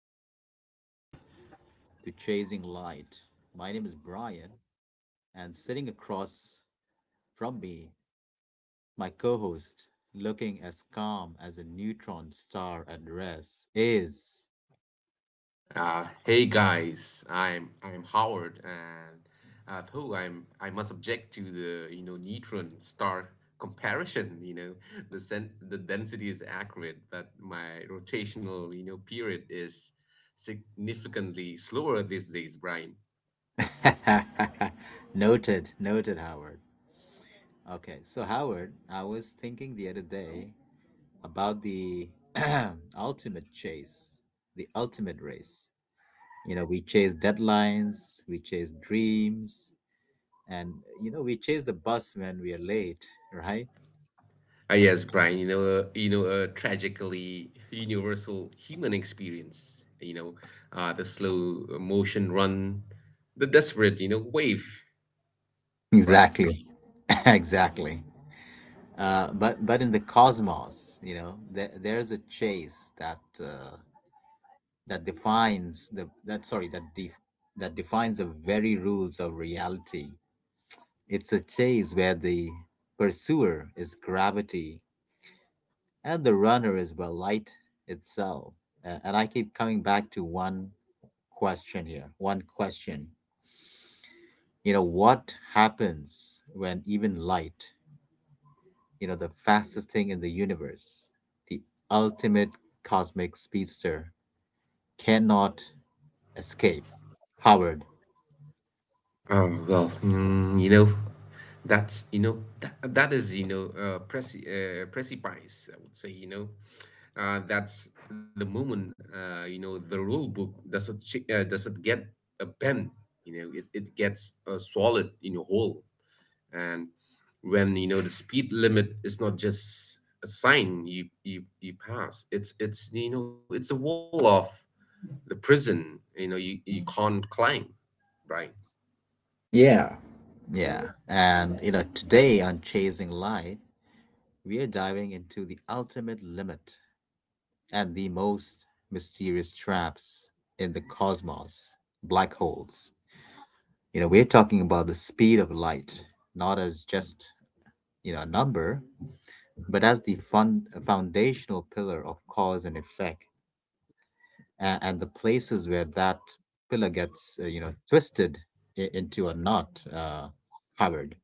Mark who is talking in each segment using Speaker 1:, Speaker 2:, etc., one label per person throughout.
Speaker 1: Hello and welcome to Chasing Light. My name is Brian, and sitting across from me, my co host, looking as calm as a neutron star at rest, is.
Speaker 2: Hey guys, I'm Howard, and who I'm I must object to the neutron star comparison. You know the density is accurate, but my rotational period is significantly slower these days, Brian.
Speaker 1: Noted, noted, Howard. Okay, so Howard, I was thinking the other day about the ultimate chase, the ultimate race. We chase deadlines, we chase dreams, and we chase the bus when we are late, right?
Speaker 2: Ah yes, Brian. You know, a tragically universal human experience. The slow motion run, the desperate wave, Brian.
Speaker 1: Exactly. Exactly. But in the cosmos, there's a chase that defines the very rules of reality. It's a chase where the pursuer is gravity, and the runner is, well, light itself. And I keep coming back to one question here, one question: what happens when even light, the fastest thing in the universe, the ultimate cosmic speedster, cannot escape, Howard?
Speaker 2: Well, mm, you know, that is you know, precipice, I would say. You know, that's the moment, you know the rule book doesn't get a bend. You know, it gets, swallowed in a whole. And when the speed limit is not just a sign you pass. It's you know it's a wall of the prison. You know, you can't climb, right?
Speaker 1: Yeah. Yeah, and today on Chasing Light, we are diving into the ultimate limit and the most mysterious traps in the cosmos: black holes. We're talking about the speed of light not as just a number, but as the foundational pillar of cause and effect, and the places where that pillar gets, twisted into a knot, Howard.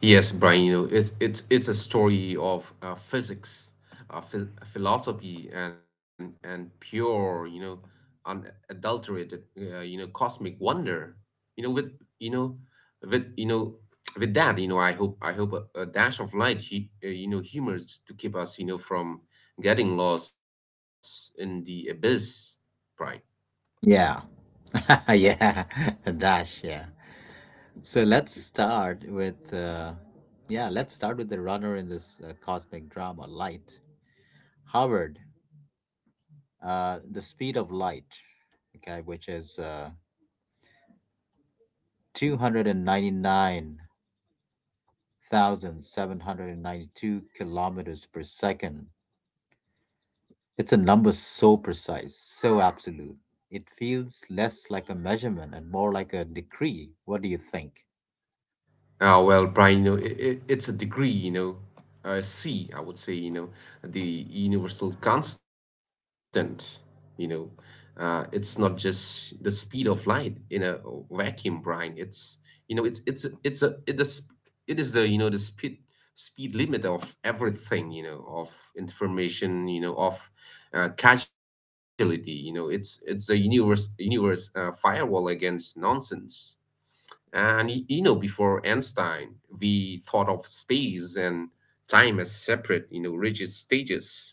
Speaker 2: Yes, Brian, you know, it's a story of physics, philosophy, and pure, you know, unadulterated, you know, cosmic wonder. You know, with you know, you know, with that, you know, I hope a dash of light, you know, humors to keep us, you know, from getting lost in the abyss, Brian.
Speaker 1: Yeah, yeah, dash, yeah. So let's start with, yeah, let's start with the runner in this, cosmic drama, light. Howard, the speed of light, okay, which is 299,792 kilometers per second. It's a number so precise, so absolute. It feels less like a measurement and more like a decree. What do you think?
Speaker 2: Well, Brian, you know, it, it's a degree, you know, C, I would say, you know, the universal constant, you know. It's not just the speed of light in a vacuum, Brian. It's, you know, it's a it does it is the you know the speed limit of everything, you know, of information, you know, of casualty, you know. It's a universe, firewall against nonsense. And you know, before Einstein, we thought of space and time as separate, you know, rigid stages.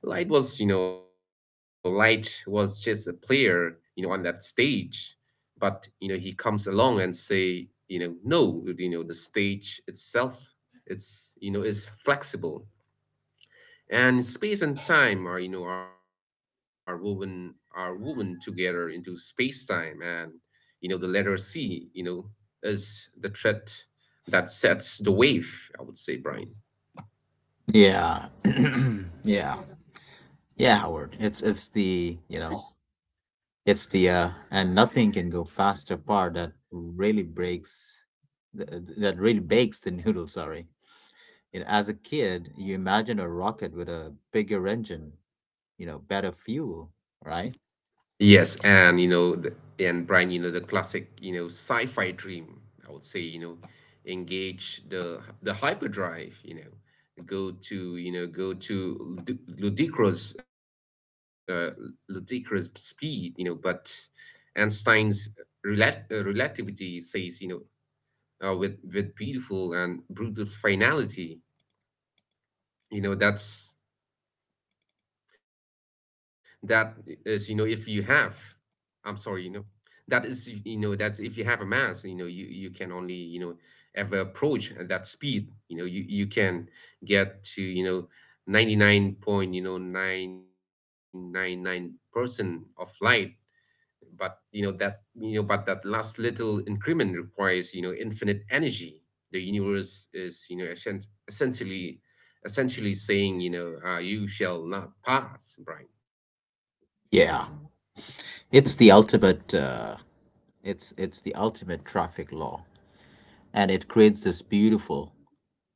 Speaker 2: Light was, you know, light was just a player, you know, on that stage. But you know, he comes along and say, you know, no, you know, the stage itself, it's you know, is flexible, and space and time are you know are woven together into space time, and you know the letter c you know is the thread that sets the wave, I would say, Brian.
Speaker 1: Yeah, yeah, yeah, Howard. It's the and nothing can go faster part that really breaks th- th- that really bakes the noodle. Sorry. As a kid, you imagine a rocket with a bigger engine, better fuel, right?
Speaker 2: Yes, and you know and Brian, you know, the classic, you know, sci-fi dream, I would say. You know, engage the hyperdrive, you know, go to ludic- ludicrous ludicrous speed, you know. But Einstein's relativity says, you know, with beautiful and brutal finality, you know, that's that is, you know, if you have, I'm sorry, you know, that is, you know, that's if you have a mass, you know, you can only, you know, ever approach at that speed, you know, you can get to, you know, 99 point, you know, 999% of light. But that last little increment requires you know infinite energy. The universe is you know essentially essentially saying, you know, you shall not pass, Brian.
Speaker 1: Yeah, it's the ultimate. It's the ultimate traffic law, and it creates this beautiful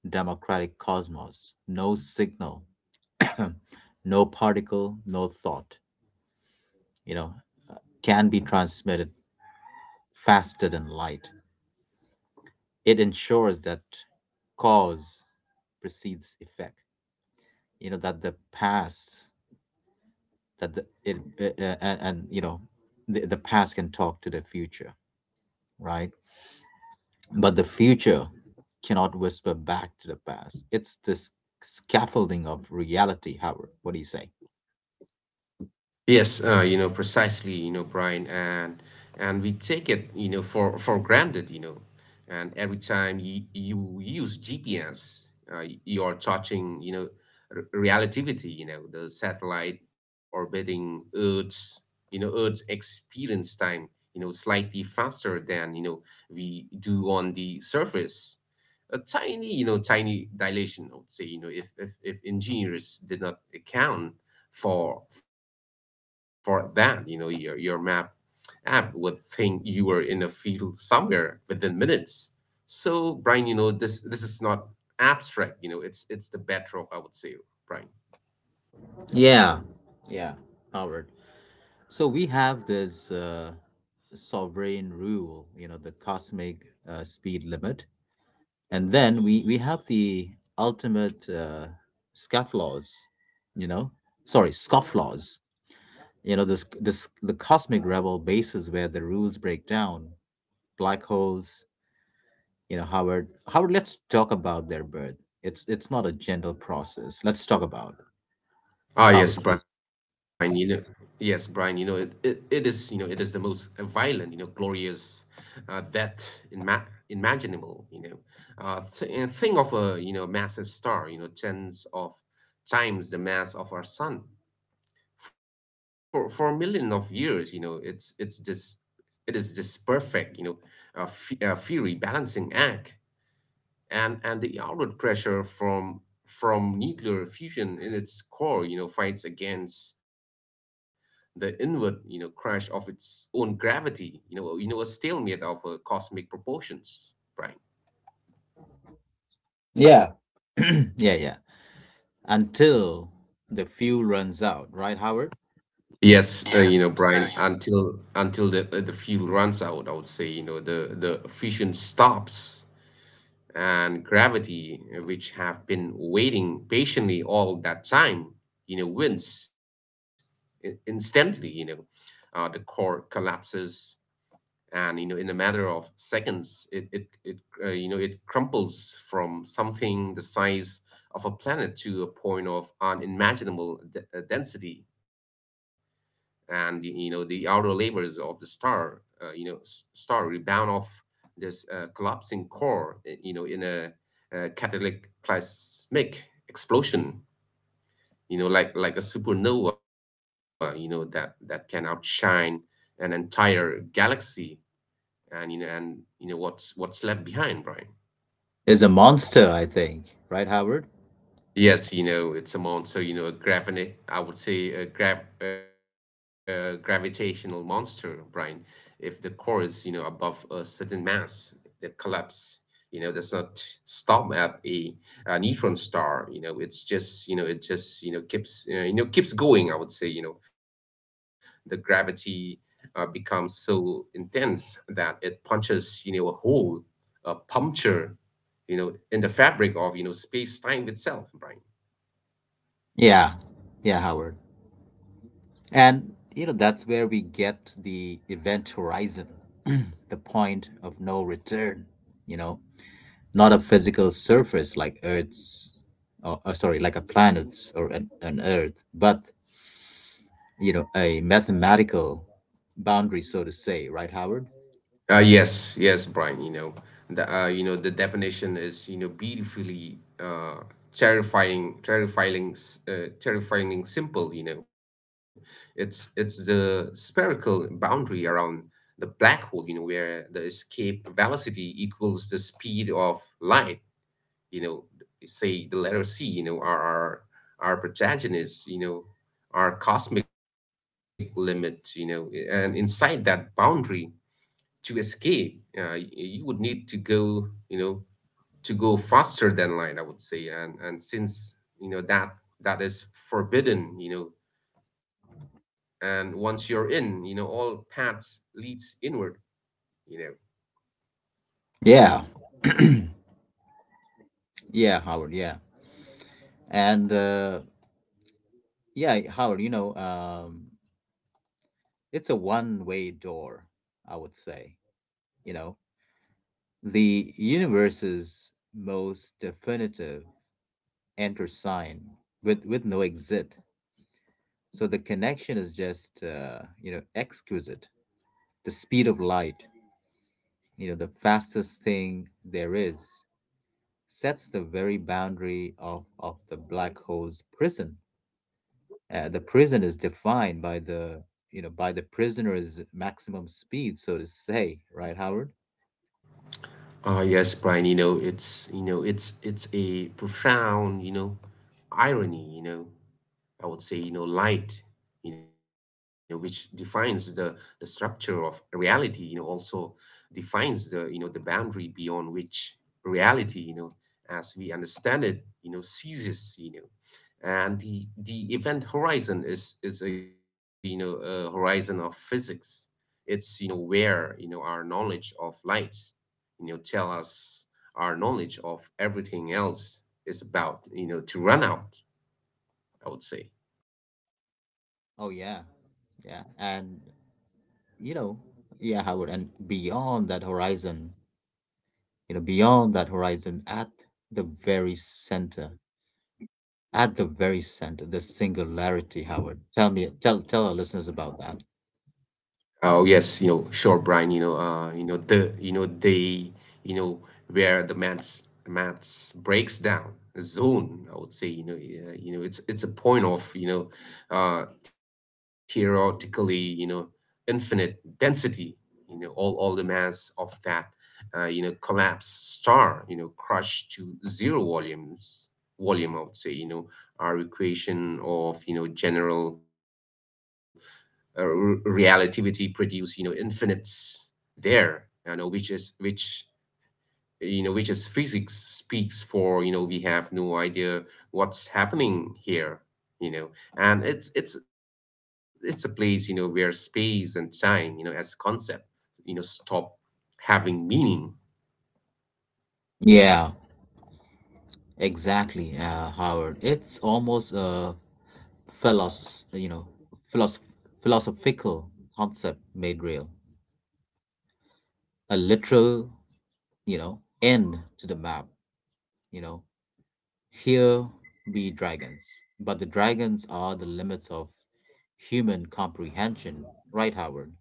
Speaker 1: democratic cosmos. No signal, no particle, no thought. You know, can be transmitted faster than light. It ensures that cause precedes effect. You know that the past that the it and, The past can talk to the future, right? But the future cannot whisper back to the past. It's this scaffolding of reality, Howard. What do you say?
Speaker 2: Yes, you know, precisely, you know, Brian, and we take it, you know, for granted, you know, and every time you you use GPS, you are touching, you know, r relativity, you know, the satellite orbiting Earth's experience time, you know, slightly faster than, you know, we do on the surface, a tiny, you know, tiny dilation, I would say. You know, if engineers did not account for that, you know, your map app would think you were in a field somewhere within minutes. So, Brian, you know, this is not abstract. You know, it's the bedrock, I would say, Brian.
Speaker 1: Yeah, yeah, Howard. So we have this, sovereign rule, the cosmic, speed limit. And then we have the ultimate, scofflaws — you know sorry scofflaws, you know this this the cosmic rebel bases where the rules break down: black holes. Howard, Howard, let's talk about their birth. It's not a gentle process. Let's talk about it.
Speaker 2: Ah, yes,
Speaker 1: Howard, please.
Speaker 2: Brian, you know, it, it, it is, you know, it is the most violent, you know, glorious, that ima imaginable, you know. Th and Think of a, you know, massive star, you know, tens of times the mass of our sun. For a million of years, you know, it is this perfect, you know, fu fury balancing act, and the outward pressure from nuclear fusion in its core you know fights against the inward you know crash of its own gravity, you know, you know, a stalemate of cosmic proportions, Brian.
Speaker 1: Yeah. Yeah, yeah, until the fuel runs out, right, Howard?
Speaker 2: Yes, you
Speaker 1: Yes,
Speaker 2: know,
Speaker 1: there you go.
Speaker 2: Brian, until the, the fuel runs out, I would say. You know, the fission stops, and gravity, which have been waiting patiently all that time, you know, wins instantly. You know, the core collapses, and you know, in a matter of seconds, it you know it crumples from something the size of a planet to a point of unimaginable density. And you know the outer layers of the star, you know, star rebound off this, collapsing core, you know, in a, cataclysmic explosion, you know, like a supernova, you know, that that can outshine an entire galaxy. And you know, and you know what's left behind, Brian.
Speaker 1: Is a monster, I think, right, Howard?
Speaker 2: Yes, you know, it's a monster, you know, a gravina I would say a grav gravitational monster, Brian. If the core is, you know, above a certain mass, the collapse, you know, does not stop at a neutron star, you know, it's just, you know, it just, you know, keeps going, I would say. You know, the gravity, becomes so intense that it punches, you know, a hole, a puncture, you know, in the fabric of, you know, space-time itself, Brian.
Speaker 1: Yeah, yeah, Howard. And, that's where we get the event horizon, the point of no return, you know, not a physical surface like Earth's, or, sorry, like a planet's or an Earth, but, a mathematical boundary, so to say, right, Howard?
Speaker 2: Yes, yes, Brian. You know, the, you know the definition is you know beautifully, terrifying simple. You know, it's the spherical boundary around the black hole. You know, where the escape velocity equals the speed of light. You know, say the letter C. You know, our protagonist. You know, our cosmic limit. You know, and inside that boundary, to escape, you would need to go, you know faster than light, I would say. And since you know that that is forbidden, you know, and once you're in, you know, all paths leads inward, you know.
Speaker 1: Yeah. Yeah, Howard, yeah. And, yeah, Howard, it's a one-way door, I would say, you know. The universe's most definitive enter sign, with no exit. So the connection is just, exquisite. The speed of light, the fastest thing there is, sets the very boundary of the black hole's prison. The prison is defined by the, by the prisoner's maximum speed, so to say, right, Howard?
Speaker 2: Ah yes, Brian, you know it's a profound, you know, irony, you know, I would say. You know, light, you know, which defines the structure of reality, you know, also defines the, you know, the boundary beyond which reality, you know, as we understand it, you know, ceases, you know. And the event horizon is a, you know, a horizon of physics. It's, you know, where, you know, our knowledge of lights, you know, tell us our knowledge of everything else is about, you know, to run out, I would say.
Speaker 1: Oh yeah, yeah. And, you know, yeah, Howard, and beyond that horizon, at the very center, the singularity, Howard. Tell me, tell our listeners about that.
Speaker 2: Oh yes, you know, sure, Brian. You know the, you know they, you know where the maths breaks down a zone, I would say. You know, you know, it's a point of, you know, theoretically, you know, infinite density. You know, all the mass of that, you know, collapsed star, you know, crushed to zero volume, I would say. You know, our equation of, you know, general, relativity produce you know infinites there, you know, which is which you know which is physics speaks for you know we have no idea what's happening here, you know. And it's a place you know where space and time you know as concept you know stop having meaning.
Speaker 1: Yeah, exactly, Howard. It's almost, philos you know philosoph- philosophical concept made real, a literal, end to the map. you know here be dragons, but the dragons are the limits of human comprehension, right, Howard?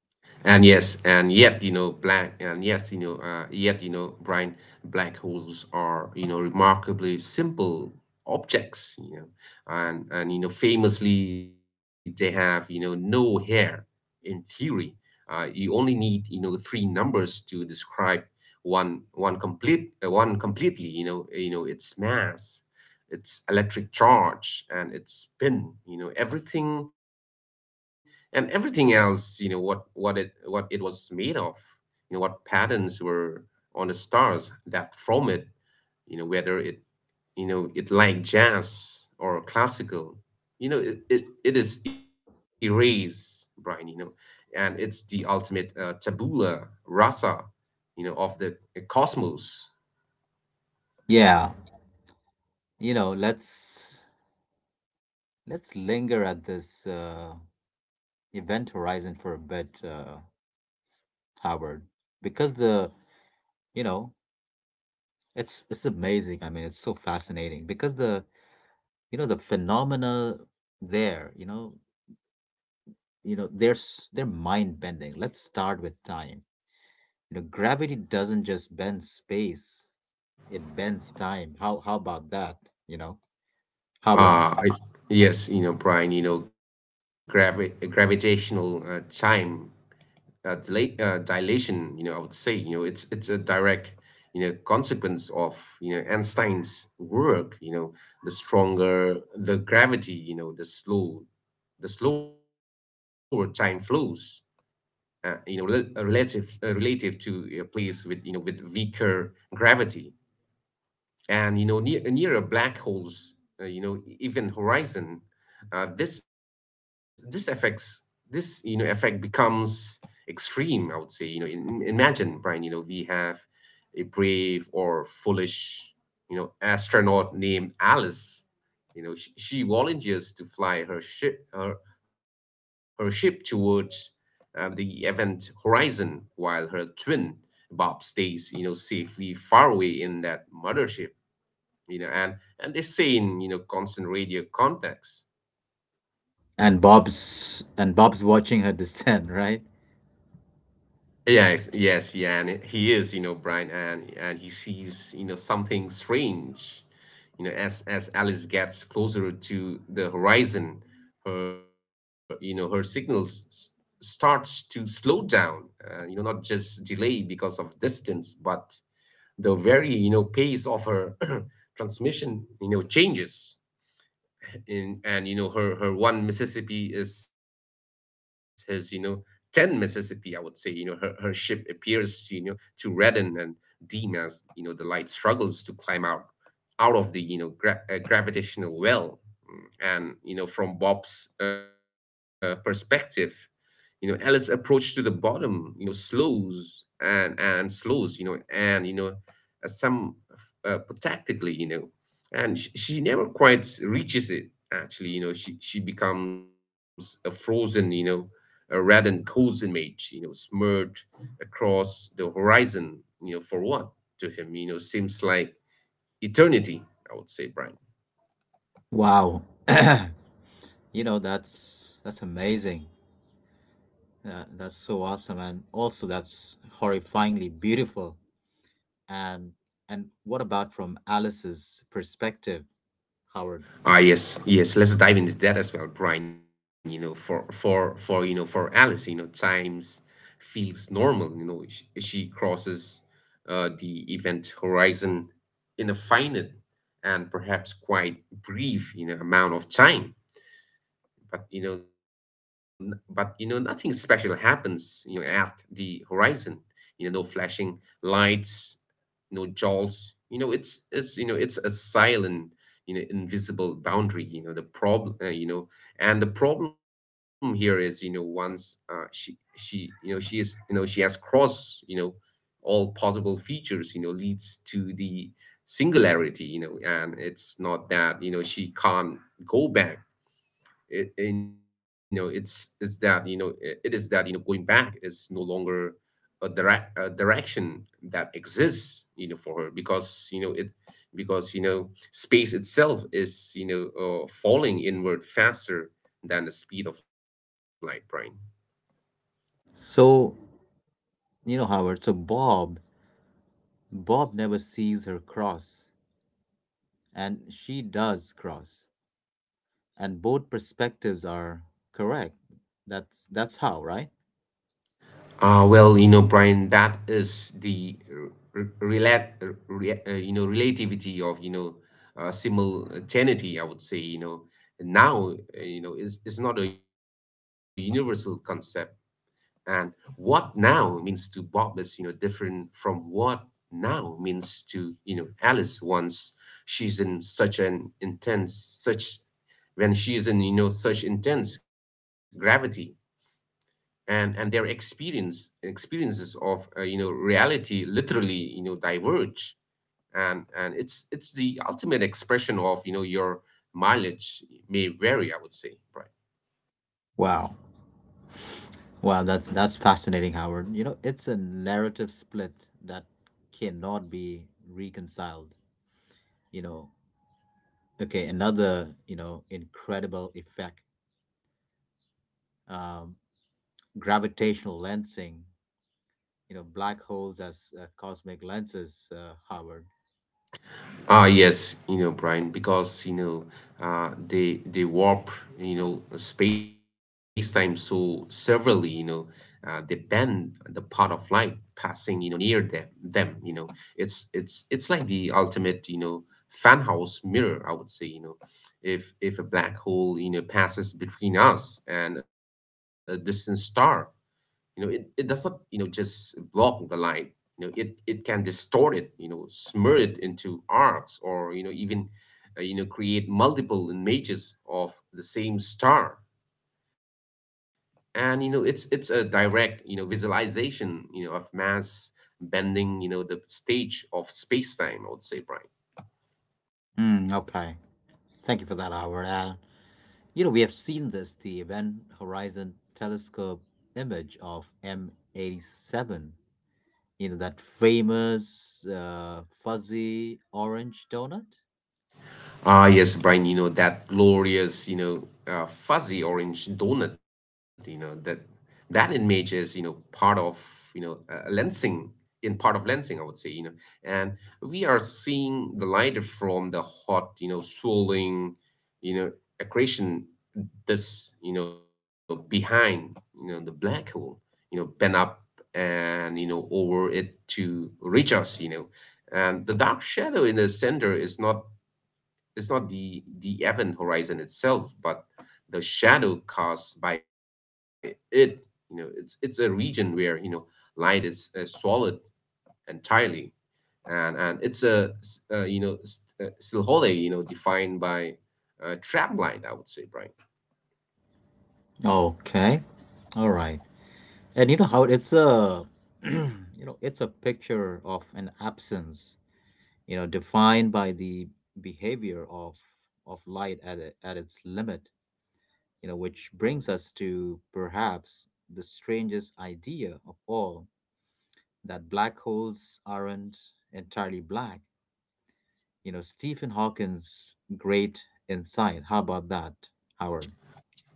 Speaker 2: And yes, and yet, you know, black, and yes, you know, yet, you know, Brian, black holes are, you know, remarkably simple objects, you know, and, you know, famously, they have, you know, no hair in theory. You only need you know three numbers to describe one completely. You know its mass, its electric charge, and its spin. You know everything and everything else. You know what it was made of. You know what patterns were on the stars that from it. You know whether it you know it like jazz or classical, it is erased, Brian. And it's the ultimate tabula rasa of the cosmos.
Speaker 1: Yeah, you know let's let's linger at this, event horizon for a bit, Howard, because the you know it's amazing. I mean, it's so fascinating because the phenomena there, there's they're mind bending let's start with time. Gravity doesn't just bend space, it bends time. How about that, you know Howard?
Speaker 2: uh I, yes, Brian, gravitational time delay, dilation. I would say, it's a direct consequence of Einstein's work. The stronger the gravity, the slower time flows, relative to a place with weaker gravity, and near a black holes even horizon. uh, this this affects this effect becomes extreme, I would say, imagine, Brian, we have a brave or foolish, astronaut named Alice. She volunteers to fly her ship towards, the event horizon, while her twin Bob stays safely far away in that mothership, you know, and and they say in constant radio contacts.
Speaker 1: And Bob's watching her descend, right?
Speaker 2: Yeah, yes, yeah, and he is, Brian, and he sees, something strange, as Alice gets closer to the horizon. Her signals starts to slow down, not just delay because of distance, but the very, pace of her transmission, changes. In and you know her one Mississippi is his, 10 Mississippi, I would say. Her her ship appears to you know to redden and dim as the light struggles to climb out of the gravitational well. Mm, and from Bob's perspective, Alice approach to the bottom, slows and slows, some, tactically, and she never quite reaches it. Actually, she becomes a frozen, a reddened coals image, smeared across the horizon, for what, to him, seems like eternity. I would say, Brian.
Speaker 1: Wow. That's amazing. That's so awesome, and also that's horrifyingly beautiful. And and what about from Alice's perspective, Howard?
Speaker 2: Ah, yes, yes. Let's dive into that as well, Brian. For Alice, times feels normal. She crosses, the event horizon in a finite and perhaps quite brief, amount of time. But nothing special happens, at the horizon. No flashing lights, jaws, it's a silent, invisible boundary. You know the problem uh, you know and the problem here is, once, she you know she is you know she has crossed, all possible features, leads to the singularity, and it's not that she can't go back. It, you know it's that you know it, it is that you know going back is no longer a direction that exists, for her, because space itself is, falling inward faster than the speed of light, Brian.
Speaker 1: So, Howard, so Bob never sees her cross, and she does cross. And both perspectives are correct. That's how, right?
Speaker 2: Well, Brian, that is the relativity of, simultaneity, I would say. Now, is not a universal concept. And what now means to Bob is, different from what now means to, Alice once she's in such an intense, such when she's in, such intense gravity. And their experiences of, reality literally diverge. And it's the ultimate expression of your mileage may vary, I would say. Right?
Speaker 1: Wow. Wow, that's fascinating, Howard. It's a narrative split that cannot be reconciled. You know, okay, another, incredible effect. Um, gravitational lensing, black holes as, cosmic lenses, Howard.
Speaker 2: Ah, yes, Brian, because, they warp, space time so severely, they bend the path of light passing, near them. It's like the ultimate, fan house mirror, I would say, if a black hole, passes between us and a distant star. It does not just block the light. It can distort it, smear it into arcs, or even, create multiple images of the same star. And it's a direct, visualization, of mass bending, the stage of space-time, I would say, Brian.
Speaker 1: Mm, okay. Thank you for that, Howard. We have seen this, the Event Horizon Telescope image of M87, that famous, fuzzy orange donut.
Speaker 2: Ah, yes, Brian, that glorious, fuzzy orange donut, that image is, part of, lensing, in part of lensing, I would say, and we are seeing the light from the hot, swirling, you know, accretion this, behind, the black hole, bend up and, over it to reach us, and the dark shadow in the center is not it's not the event horizon itself, but the shadow cast by it. It's a region where light is, swallowed entirely, and it's a silhole, defined by, trap light. I would say, Brian.
Speaker 1: Okay. All right. And you know how it's a, it's a picture of an absence, defined by the behavior of light at, at its limit, which brings us to perhaps the strangest idea of all: that black holes aren't entirely black. Stephen Hawking's great insight. How about that, Howard?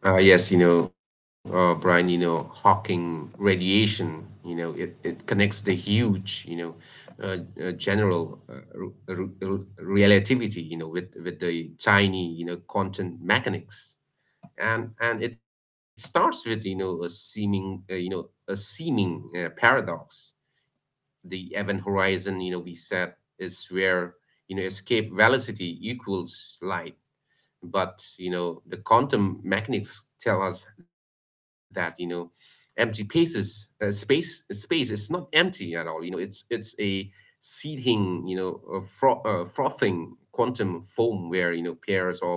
Speaker 2: Yes, Brian, Hawking radiation, it connects the huge, uh, general, relativity, with the tiny, quantum mechanics, and it starts with, a seeming, paradox. The event horizon, we said, is where, escape velocity equals light. But the quantum mechanics tell us that, empty spaces space is not empty at all. It's a seething, frothing quantum foam where, pairs of,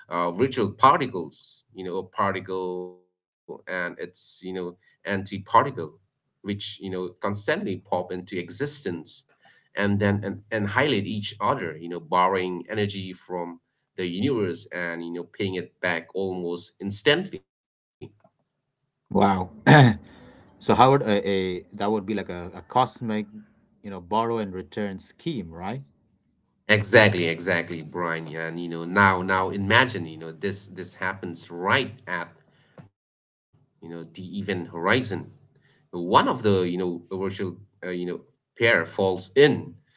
Speaker 2: virtual particles, a particle and its antiparticle, which constantly pop into existence and then, and highlight each other, borrowing energy from the universe and paying it back almost instantly.
Speaker 1: Wow. So, Howard, a that would be like a cosmic, borrow and return scheme, right?
Speaker 2: Exactly, exactly, Brian. Yeah, and now imagine, this happens right at, the event horizon. One of the virtual, uh, you know pair falls in,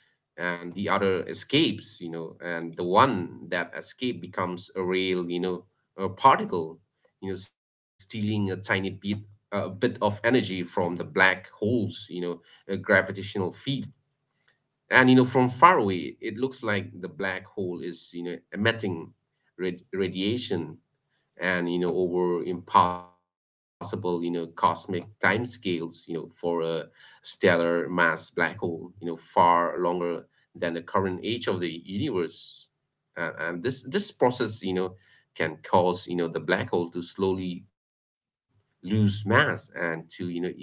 Speaker 2: and the other escapes, and the one that escape becomes a real, a particle, stealing a bit of energy from the black holes, a gravitational field, and from far away it looks like the black hole is, emitting, radiation, and over impossible, cosmic timescales, for a stellar mass black hole, far longer than the current age of the universe. And this process, can cause, the black hole to slowly lose mass and to evaporate.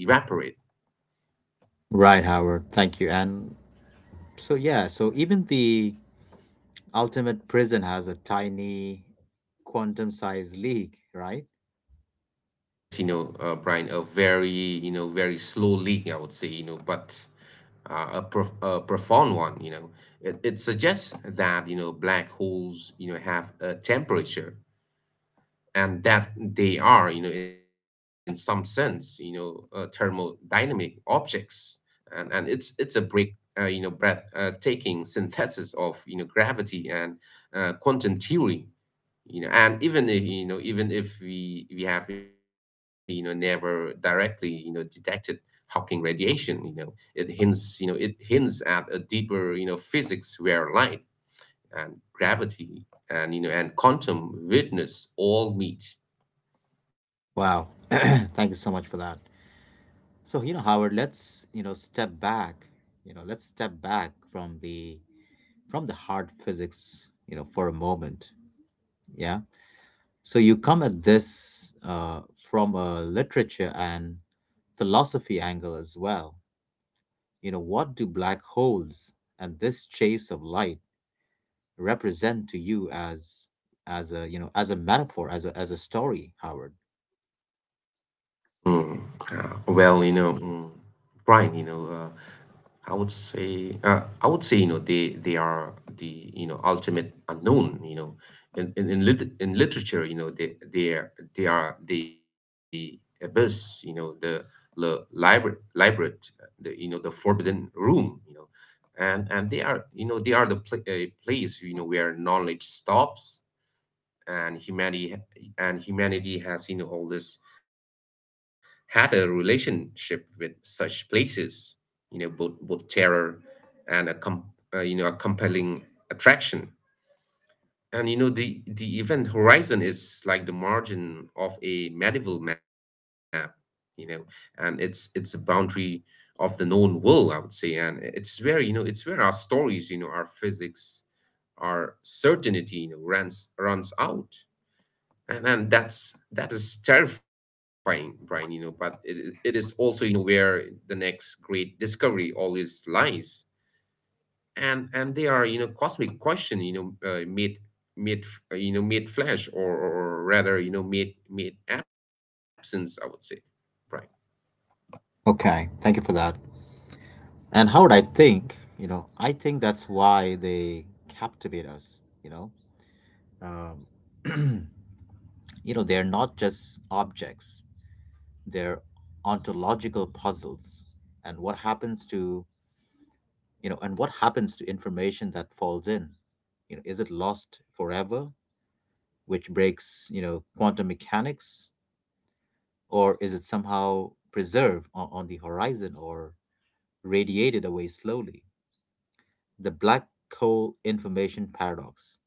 Speaker 1: Right, Howard. Thank you. And so even the ultimate prison has a tiny, quantum sized leak, right?
Speaker 2: Yes, Brian, a very, very slow leak, I would say, but a profound one. It suggests that, black holes, have a temperature, and that they are, in some sense, thermodynamic objects. And it's a breathtaking synthesis of, gravity and, quantum theory, and even if, even if we have, never directly, detected Hawking radiation, it hints at a deeper, physics where light and gravity and you know and quantum witness all meet.
Speaker 1: Wow. Thank you so much for that. So, Howard, step back, you know, let's step back from the hard physics, for a moment. Yeah. So you come at this, from a literature and philosophy angle as well. What do black holes and this chase of light represent to you as, as a metaphor, as a story, Howard?
Speaker 2: Mm, well, Brian, I would say, they are the ultimate unknown. In literature, they are the abyss. The library, the forbidden room. And they are they are the place where knowledge stops and humanity and humanity has always had a relationship with such places, both terror and a compelling attraction. And the event horizon is like the margin of a medieval map. you know and it's a boundary of the known world, I would say. And it's where it's where our stories, our physics, our certainty runs out. And that is terrifying, Brian, but it is also where the next great discovery always lies. And they are cosmic question made made f- you know made flesh, or, or rather, made absence, I would say, Brian.
Speaker 1: Okay. Thank you for that. And how would I think? I think that's why they captivate us. Um, they're not just objects; they're ontological puzzles. And what happens to and what happens to information that falls in? Is it lost forever, which breaks, quantum mechanics, or is it somehow preserved on, the horizon, or radiated away slowly? The black hole information paradox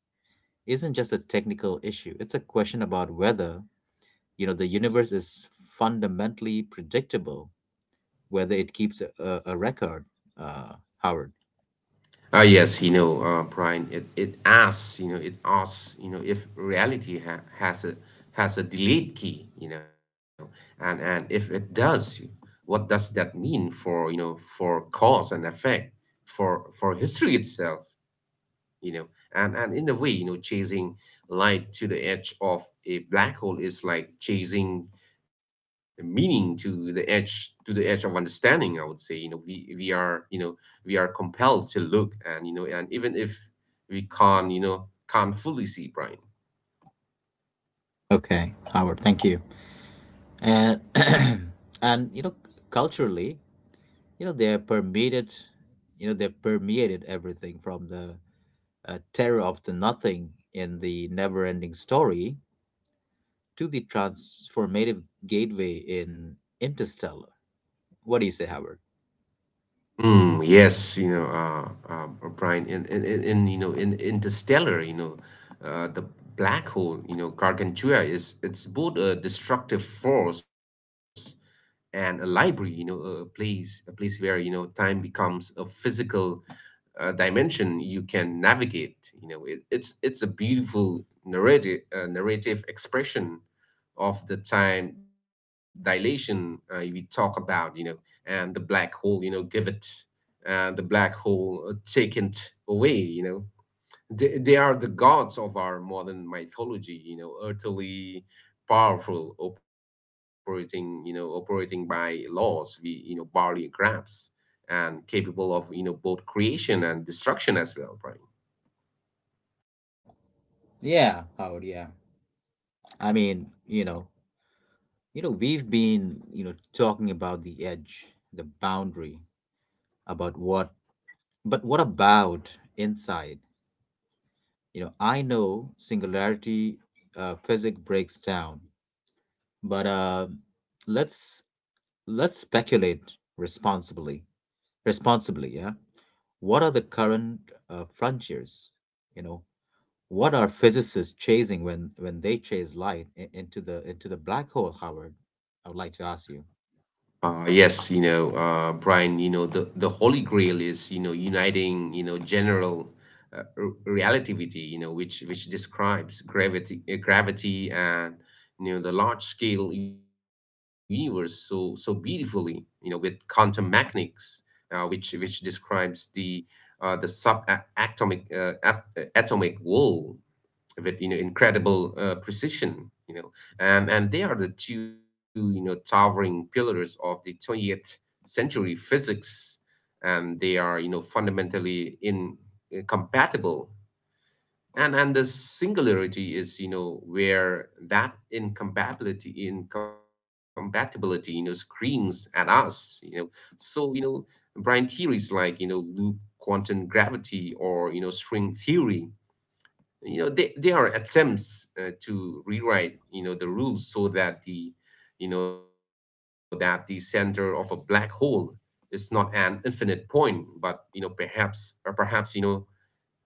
Speaker 1: isn't just a technical issue. It's a question about whether, the universe is fundamentally predictable, whether it keeps a, record, uh, Howard.
Speaker 2: Yes, Brian, it asks, it asks, if reality ha has a delete key, and if it does, what does that mean for, for cause and effect, for history itself? you know and in a way, chasing light to the edge of a black hole is like chasing meaning to the edge of understanding, I would say. We are we are compelled to look, and you know and even if we can't, can't fully see, Brian.
Speaker 1: Okay, Howard, thank you. And and you know, culturally, they're permeated, you know, they're permeated everything, from the, terror of the nothing in The NeverEnding Story to the transformative gateway in Interstellar. What do you say, Howard?
Speaker 2: Yes, Brian, in Interstellar, the black hole, Gargantua is it's both a destructive force and a library, a place where time becomes a physical dimension you can navigate. It, it's a beautiful narrative expression of the time dilation, we talk about. And the black hole, give it, and the black hole, take it away. They are the gods of our modern mythology, utterly powerful, operating, operating by laws we, barely grasp, and capable of, both creation and destruction as well, right?
Speaker 1: Yeah, Howard. Yeah. I mean, we've been, talking about the edge, the boundary, about but what about inside? I know singularity, physics breaks down, but, let's, speculate responsibly, responsibly, yeah. What are the current, frontiers? You know, what are physicists chasing when, they chase light, into the, black hole, Howard? I would like to ask you.
Speaker 2: Yes, Brian, the Holy Grail is, uniting, general, relativity, which describes gravity, the large scale universe so beautifully, with quantum mechanics, which describes the subatomic atomic world, with incredible precision. you know and they are the two, towering pillars of the 20th century physics, and they are, fundamentally incompatible. And the singularity is where that incompatibility screams at us. So you know Brian, theories like, loop quantum gravity, or string theory, they are attempts to rewrite the rules so that the, that the center of a black hole is not an infinite point, but, perhaps,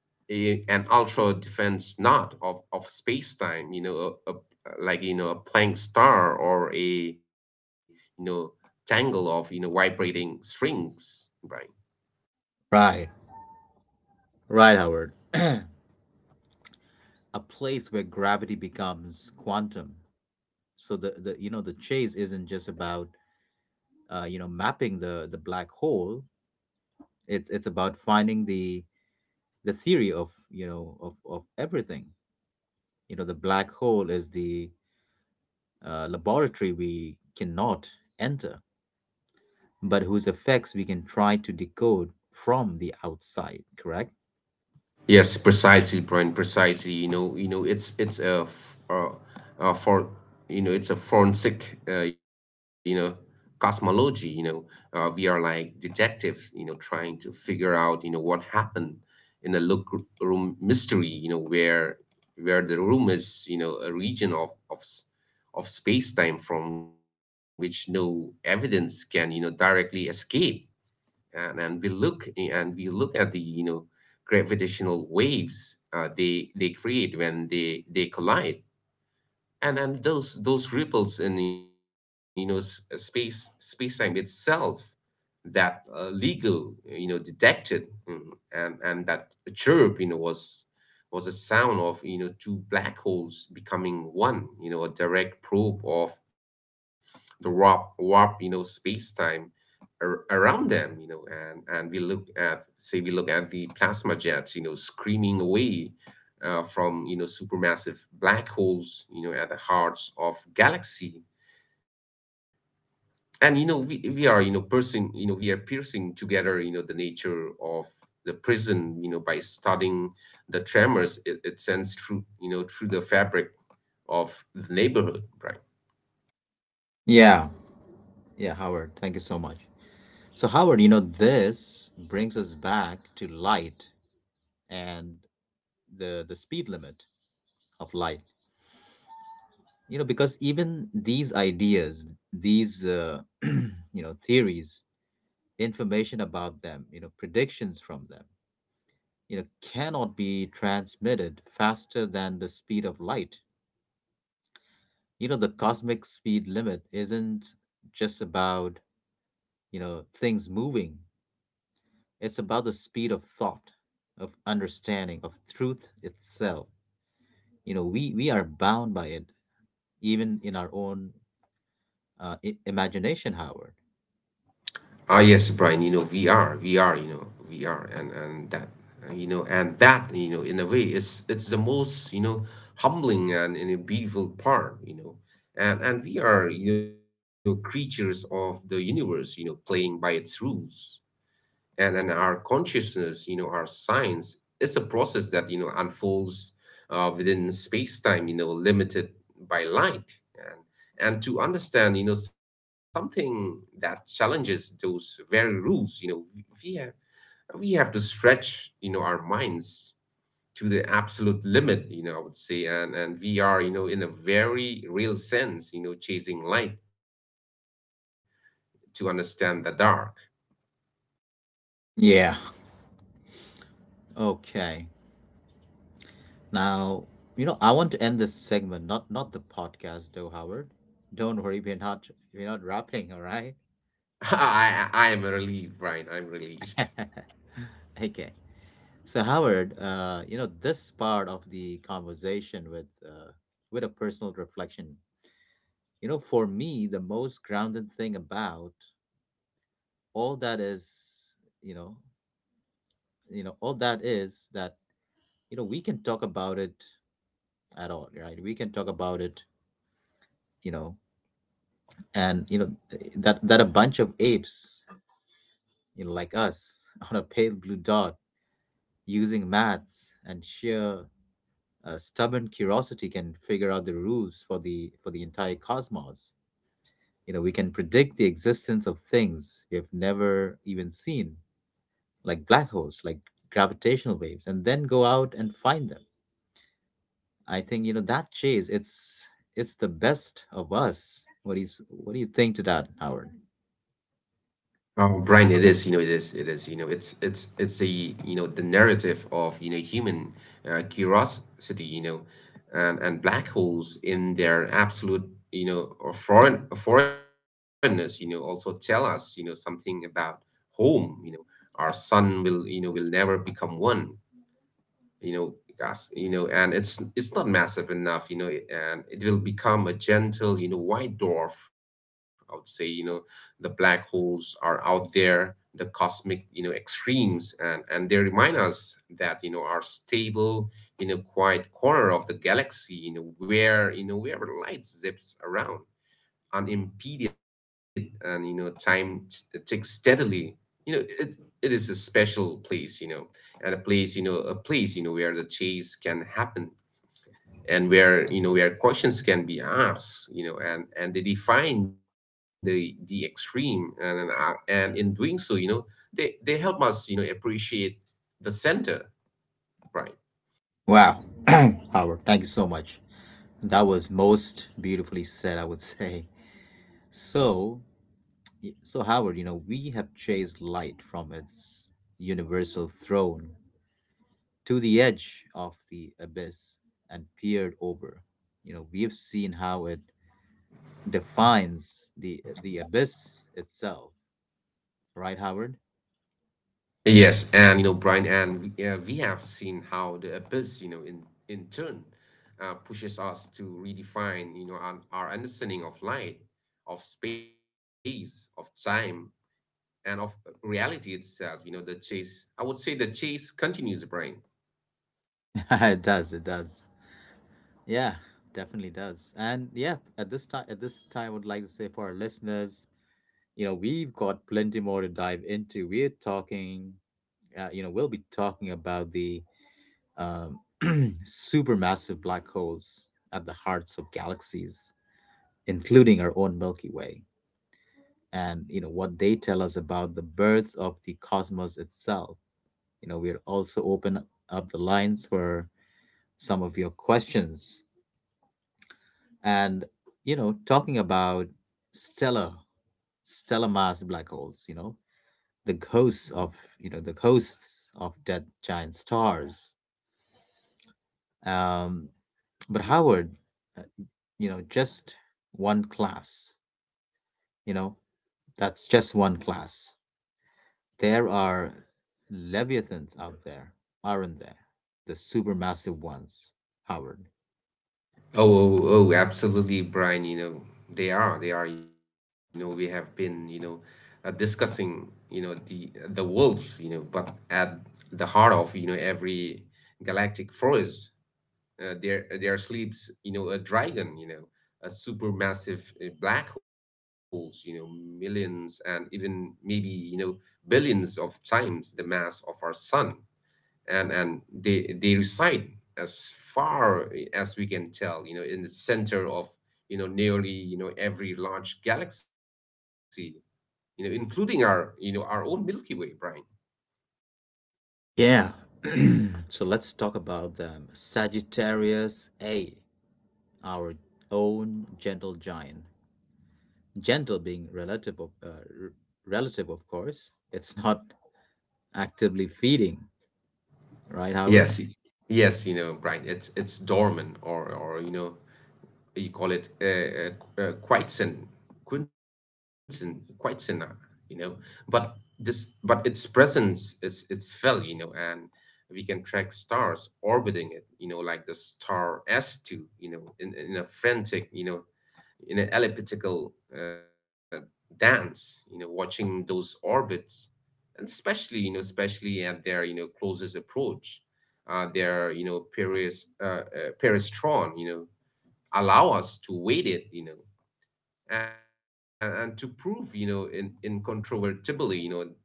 Speaker 2: a, an ultra defense knot of space-time, a, like, a Planck star, or a, know tangle of vibrating strings, right?
Speaker 1: Right. Right, Howard. A place where gravity becomes quantum. So the you know the chase isn't just about, mapping the black hole. It's about finding the theory of everything. The black hole is the, laboratory we cannot enter, but whose effects we can try to decode from the outside. Correct?
Speaker 2: Yes, precisely, Brian. Precisely. It's a uh, for it's a forensic cosmology. We are like detectives, trying to figure out what happened in a look room mystery. Where the room is, a region of of space time from which no evidence can, directly escape. And we look at the, gravitational waves, they create when they collide. And those ripples in, space, space time itself, that, Lego, detected. And that chirp, was a sound of, two black holes becoming one, a direct probe of the warp space time, around them, and we look at, say, we look at the plasma jets, screaming away, from, supermassive black holes, at the hearts of galaxy. And, we are, piercing, you know we are piercing together, the nature of the prison, by studying the tremors it, it sends through, through the fabric of the neighborhood, right?
Speaker 1: Yeah. Yeah, Howard. Thank you so much. So Howard, this brings us back to light and the speed limit of light, because even these ideas, these, theories, information about them, predictions from them, cannot be transmitted faster than the speed of light. The cosmic speed limit isn't just about, things moving. It's about the speed of thought, of understanding, of truth itself. We are bound by it even in our own, imagination, Howard.
Speaker 2: Yes, Brian, VR, VR, VR and that, in a way, it's the most, humbling and a beautiful part. And we are, creatures of the universe, playing by its rules, and our consciousness, our science is a process that, unfolds within space-time, limited by light. And to understand, something that challenges those very rules, we have to stretch, our minds to the absolute limit, I would say. And we are, in a very real sense, chasing light to understand the dark.
Speaker 1: Yeah. Okay. Now, I want to end this segment, not the podcast though, Howard. Don't worry, we're not wrapping, all right?
Speaker 2: I am relieved, Brian. I'm relieved.
Speaker 1: Okay. So, Howard, this part of the conversation with a personal reflection, for me, the most grounded thing about all that is, you know, all that is that, we can talk about it at all, right? We can talk about it you know and that a bunch of apes like us on a pale blue dot using maths and sheer stubborn curiosity can figure out the rules for the entire cosmos. We can predict the existence of things we have never even seen, like black holes, like gravitational waves, and then go out and find them. I think that chase, it's the best of us. What do you think to that, Howard?
Speaker 2: Oh, Brian, it is, it's the the narrative of human, curiosity, and black holes in their absolute, or foreignness, also tell us, something about home. Our sun will, will never become one. you know Gas, and it's not massive enough, and it will become a gentle, white dwarf, I would say. The black holes are out there, the cosmic, extremes, and they remind us that, our stable, quiet corner of the galaxy, where light zips around unimpeded, and, time ticks steadily. It, it is a special place, and a place, a place, where the chase can happen, and where, where questions can be asked, and they define the extreme, and in doing so, they help us, appreciate the center, right?
Speaker 1: Wow, Howard, thank you so much. That was most beautifully said, I would say. So, Howard, we have chased light from its universal throne to the edge of the abyss and peered over. We have seen how it defines the abyss itself, right, Howard?
Speaker 2: Yes, and, Brian, we have seen how the abyss, in turn, pushes us to redefine, our understanding of light, of space, of time, and of reality itself. The chase. I would say the chase continues, Brian.
Speaker 1: It does, it does. Yeah, definitely does. And yeah, at this time, I would like to say for our listeners, we've got plenty more to dive into. We're talking, we'll be talking about the um, supermassive black holes at the hearts of galaxies, including our own Milky Way, and, what they tell us about the birth of the cosmos itself. We'll also open up the lines for some of your questions. And, talking about stellar, stellar mass black holes, the ghosts of dead giant stars. Um, but Howard, uh, just one class. You know, that's just one class. There are leviathans out there, aren't there? The supermassive ones, Howard.
Speaker 2: Oh, oh, oh, absolutely, Brian. They are, they are. We have been, discussing, the wolves, but at the heart of, every galactic forest, there sleeps, a dragon, a supermassive, black holes, millions and even maybe, billions of times the mass of our sun. And they reside, as far, as we can tell, in the center of, nearly, every large galaxy, including our, our own Milky Way, Brian.
Speaker 1: Yeah. So let's talk about them. Sagittarius A, our own gentle giant. Gentle being r- relative, of course. It's not actively feeding, right, Howard?
Speaker 2: Yes, yes, Brian, it's dormant, or, or you call it, Quietzen, Quinsen, Quietzena. you know. But this, but its presence is it's felt, and we can track stars orbiting it, like the star S2, in a frantic, in an elliptical dance, watching those orbits, and especially, especially at their, closest approach, their, Paris, Peristron, allow us to wait it, and to prove, you know, in incontrovertibly, that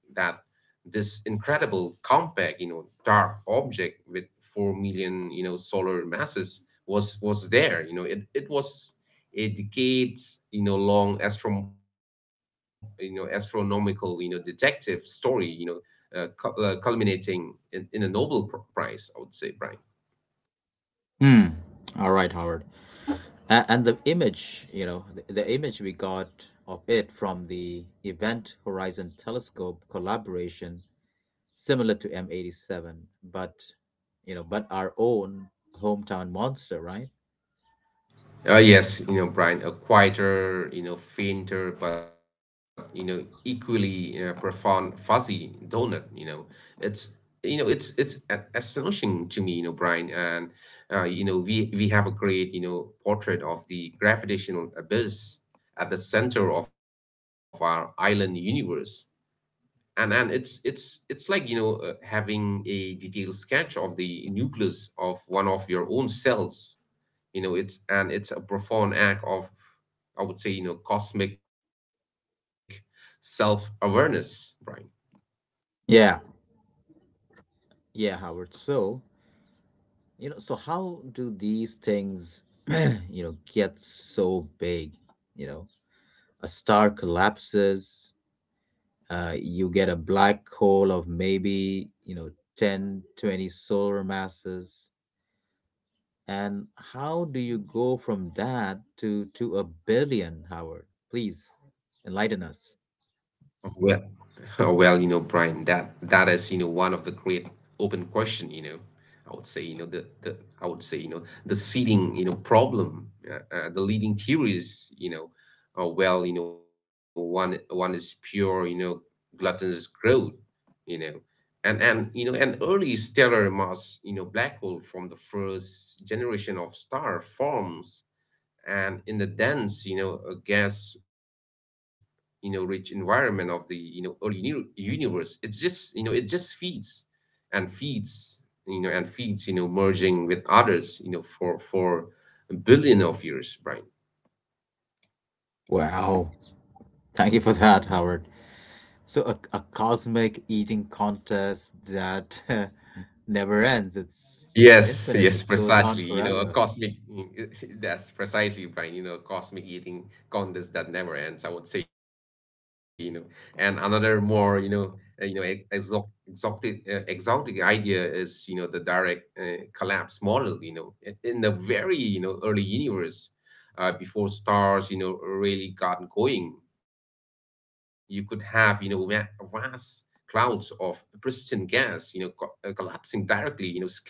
Speaker 2: this incredible compact, dark object with 4 million, solar masses was there. It, it was a decades, long astro, astronomical, detective story, culminating in a Nobel Prize, I would say, Brian.
Speaker 1: Hmm. All right, Howard. And the image, the image we got of it from the Event Horizon Telescope collaboration, similar to M87, but, but our own hometown monster, right?
Speaker 2: Yes, Brian, a quieter, fainter, but, equally profound, fuzzy donut. It's it's astonishing to me, Brian, and we have a great, portrait of the gravitational abyss at the center of our island universe, and it's like, having a detailed sketch of the nucleus of one of your own cells. You know it's And it's a profound act of, I would say, cosmic self awareness, Brian.
Speaker 1: Yeah, yeah, Howard. So, so how do these things, get so big? You know, a star collapses, you get a black hole of maybe 10, 20 solar masses. And how do you go from that to a billion, Howard? Please enlighten us.
Speaker 2: Well, well, Brian, that is, one of the great open question. I would say, the I would say, the seeding, problem. The leading theories, well, one is pure, gluttonous growth, you know and you know an early stellar mass, black hole from the first generation of star forms, and in the dense, a gas, rich environment of the, early universe, it just, it just feeds and feeds, merging with others, for a billion of years, Brian.
Speaker 1: Wow, thank you for that, Howard. So a, cosmic eating contest that never ends. It's
Speaker 2: Yes,
Speaker 1: infinite,
Speaker 2: yes,
Speaker 1: it goes on
Speaker 2: precisely. A
Speaker 1: forever.
Speaker 2: cosmic, that's precisely, Brian, a cosmic eating contest that never ends, I would say. You know. And another more, exotic, exotic idea is, you know, the direct collapse model, you know, in the very, you know, early universe, before stars, you know, really got going, you could have, vast clouds of pristine gas, collapsing directly, you know, skipping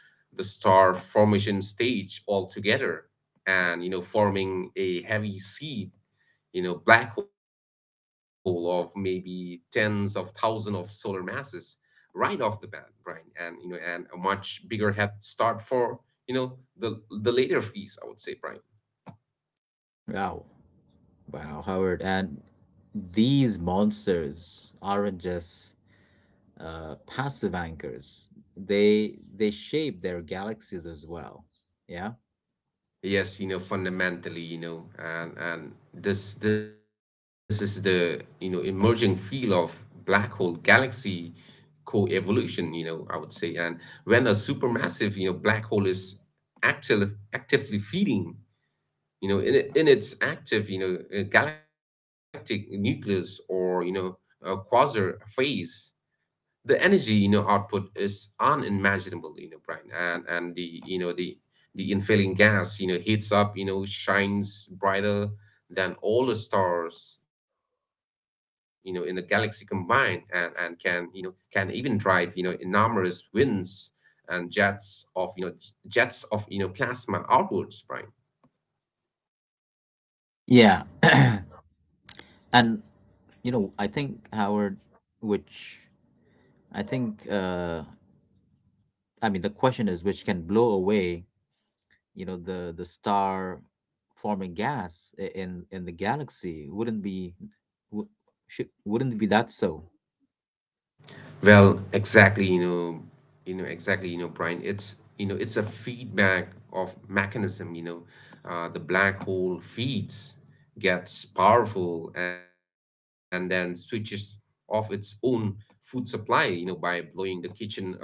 Speaker 2: the star formation stage altogether, and you know, forming a heavy seed, you know, black hole of maybe tens of thousands of solar masses right off the bat, Brian. And you know and a much bigger head start for, you know, the later phase, I would say, Brian.
Speaker 1: Wow, wow Howard. And these monsters aren't just passive anchors. They shape their galaxies as well. Yeah.
Speaker 2: Yes, you know, fundamentally, you know, and this is the, you know, emerging field of black hole galaxy co-evolution, you know, I would say. And when a supermassive, you know, black hole is actively feeding, you know, in its active, you know, galactic nucleus, or, you know, a quasar phase, the energy, you know, output is unimaginable, you know, Brian. And the infilling gas, you know, heats up, you know, shines brighter than all the stars, you know, in the galaxy combined, and can, you know, can even drive, you know, enormous winds and jets of, jets of, you know, plasma outwards, Brian.
Speaker 1: Yeah. And I think, Howard, which I think uh I mean, the question is, which can blow away, the star forming gas in the galaxy wouldn't be w- should, wouldn't be that so.
Speaker 2: Well, exactly, you know, Brian, it's a feedback of mechanism, you know, the black hole feeds, gets powerful, and then switches off its own food supply, you know, by blowing the kitchen apart.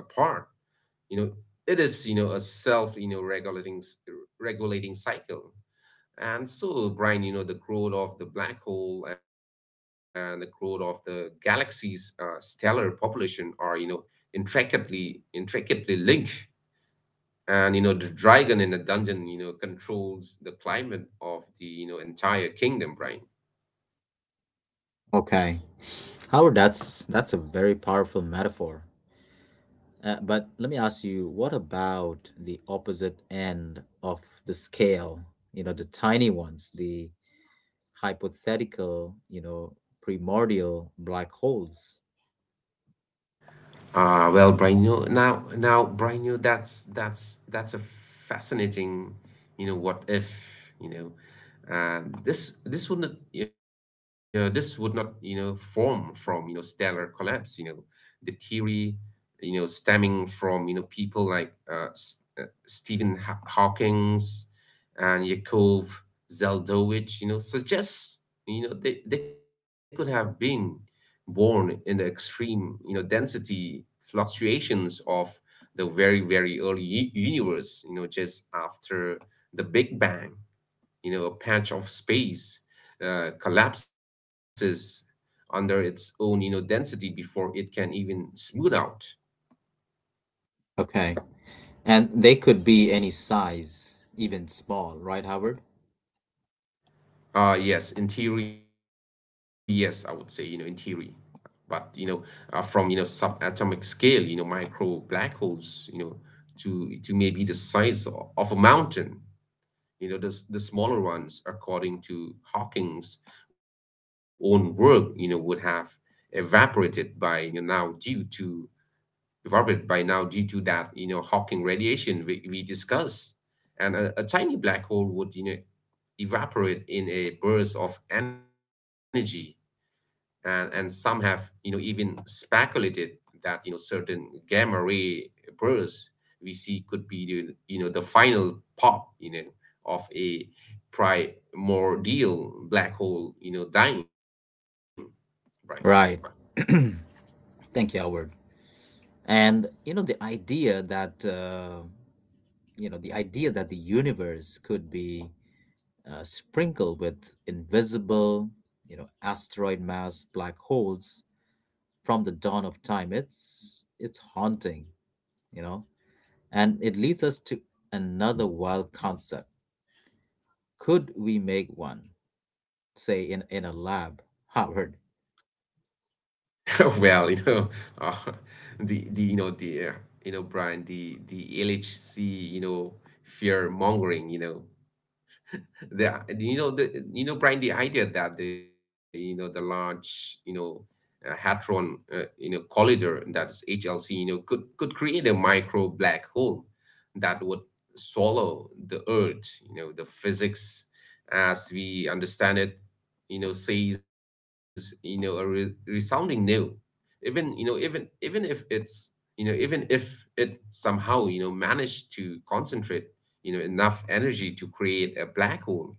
Speaker 2: You know, it is, you know, a self, you know, regulating, regulating cycle. And so, Brian, you know, the growth of the black hole and the growth of the galaxy's stellar population are, you know, intricately linked. And you know, the dragon in the dungeon, you know, controls the climate of the, you know, entire kingdom, Brian.
Speaker 1: Okay. Howard, that's a very powerful metaphor. But let me ask you, what about the opposite end of the scale? The tiny ones, the hypothetical, primordial black holes.
Speaker 2: Well, Brian, you know, Brian, you know, that's that's a fascinating, you know, what if, you know, this would not, you know, this would not, you know, form from, you know, stellar collapse, you know, the theory, you know, stemming from, you know, people like Stephen Hawking's and Yakov Zeldovich, you know, suggests, you know, they could have been born in the extreme, you know, density fluctuations of the very, very early universe, you know, just after the Big Bang, you know, a patch of space collapses under its own, you know, density before it can even smooth out.
Speaker 1: Okay. And they could be any size, even small, right, Howard?
Speaker 2: Yes, in theory, yes, I would say, you know, in theory. But, you know, from, you know, subatomic scale, you know, micro black holes, you know, to maybe the size of a mountain. You know, the, the smaller ones, according to Hawking's own work, you know, would have evaporated by you know, now due to evaporated by now due to that, you know, Hawking radiation we discussed, and a tiny black hole would, you know, evaporate in a burst of energy, and some have, you know, even speculated that, you know, certain gamma ray bursts we see could be the, you know, the final pop, you know, of a primordial black hole, you know, dying, right?
Speaker 1: Right. Thank you, Howard. And, the idea that the universe could be sprinkled with invisible, asteroid mass black holes from the dawn of time. It's haunting, you know. And it leads us to another wild concept. Could we make one, say in a lab, Howard?
Speaker 2: Well, you know, uh, the you know Brian the LHC, you know, fear mongering, you know, the you know the you know, Brian, the idea that the large, you know, hadron you know, collider, that is HLC, you know, could create a micro black hole that would swallow the Earth. You know, the physics as we understand it, you know, says, you know, a resounding no. Even, you know, even if it's, you know, even if it somehow, you know, managed to concentrate, you know, enough energy to create a black hole,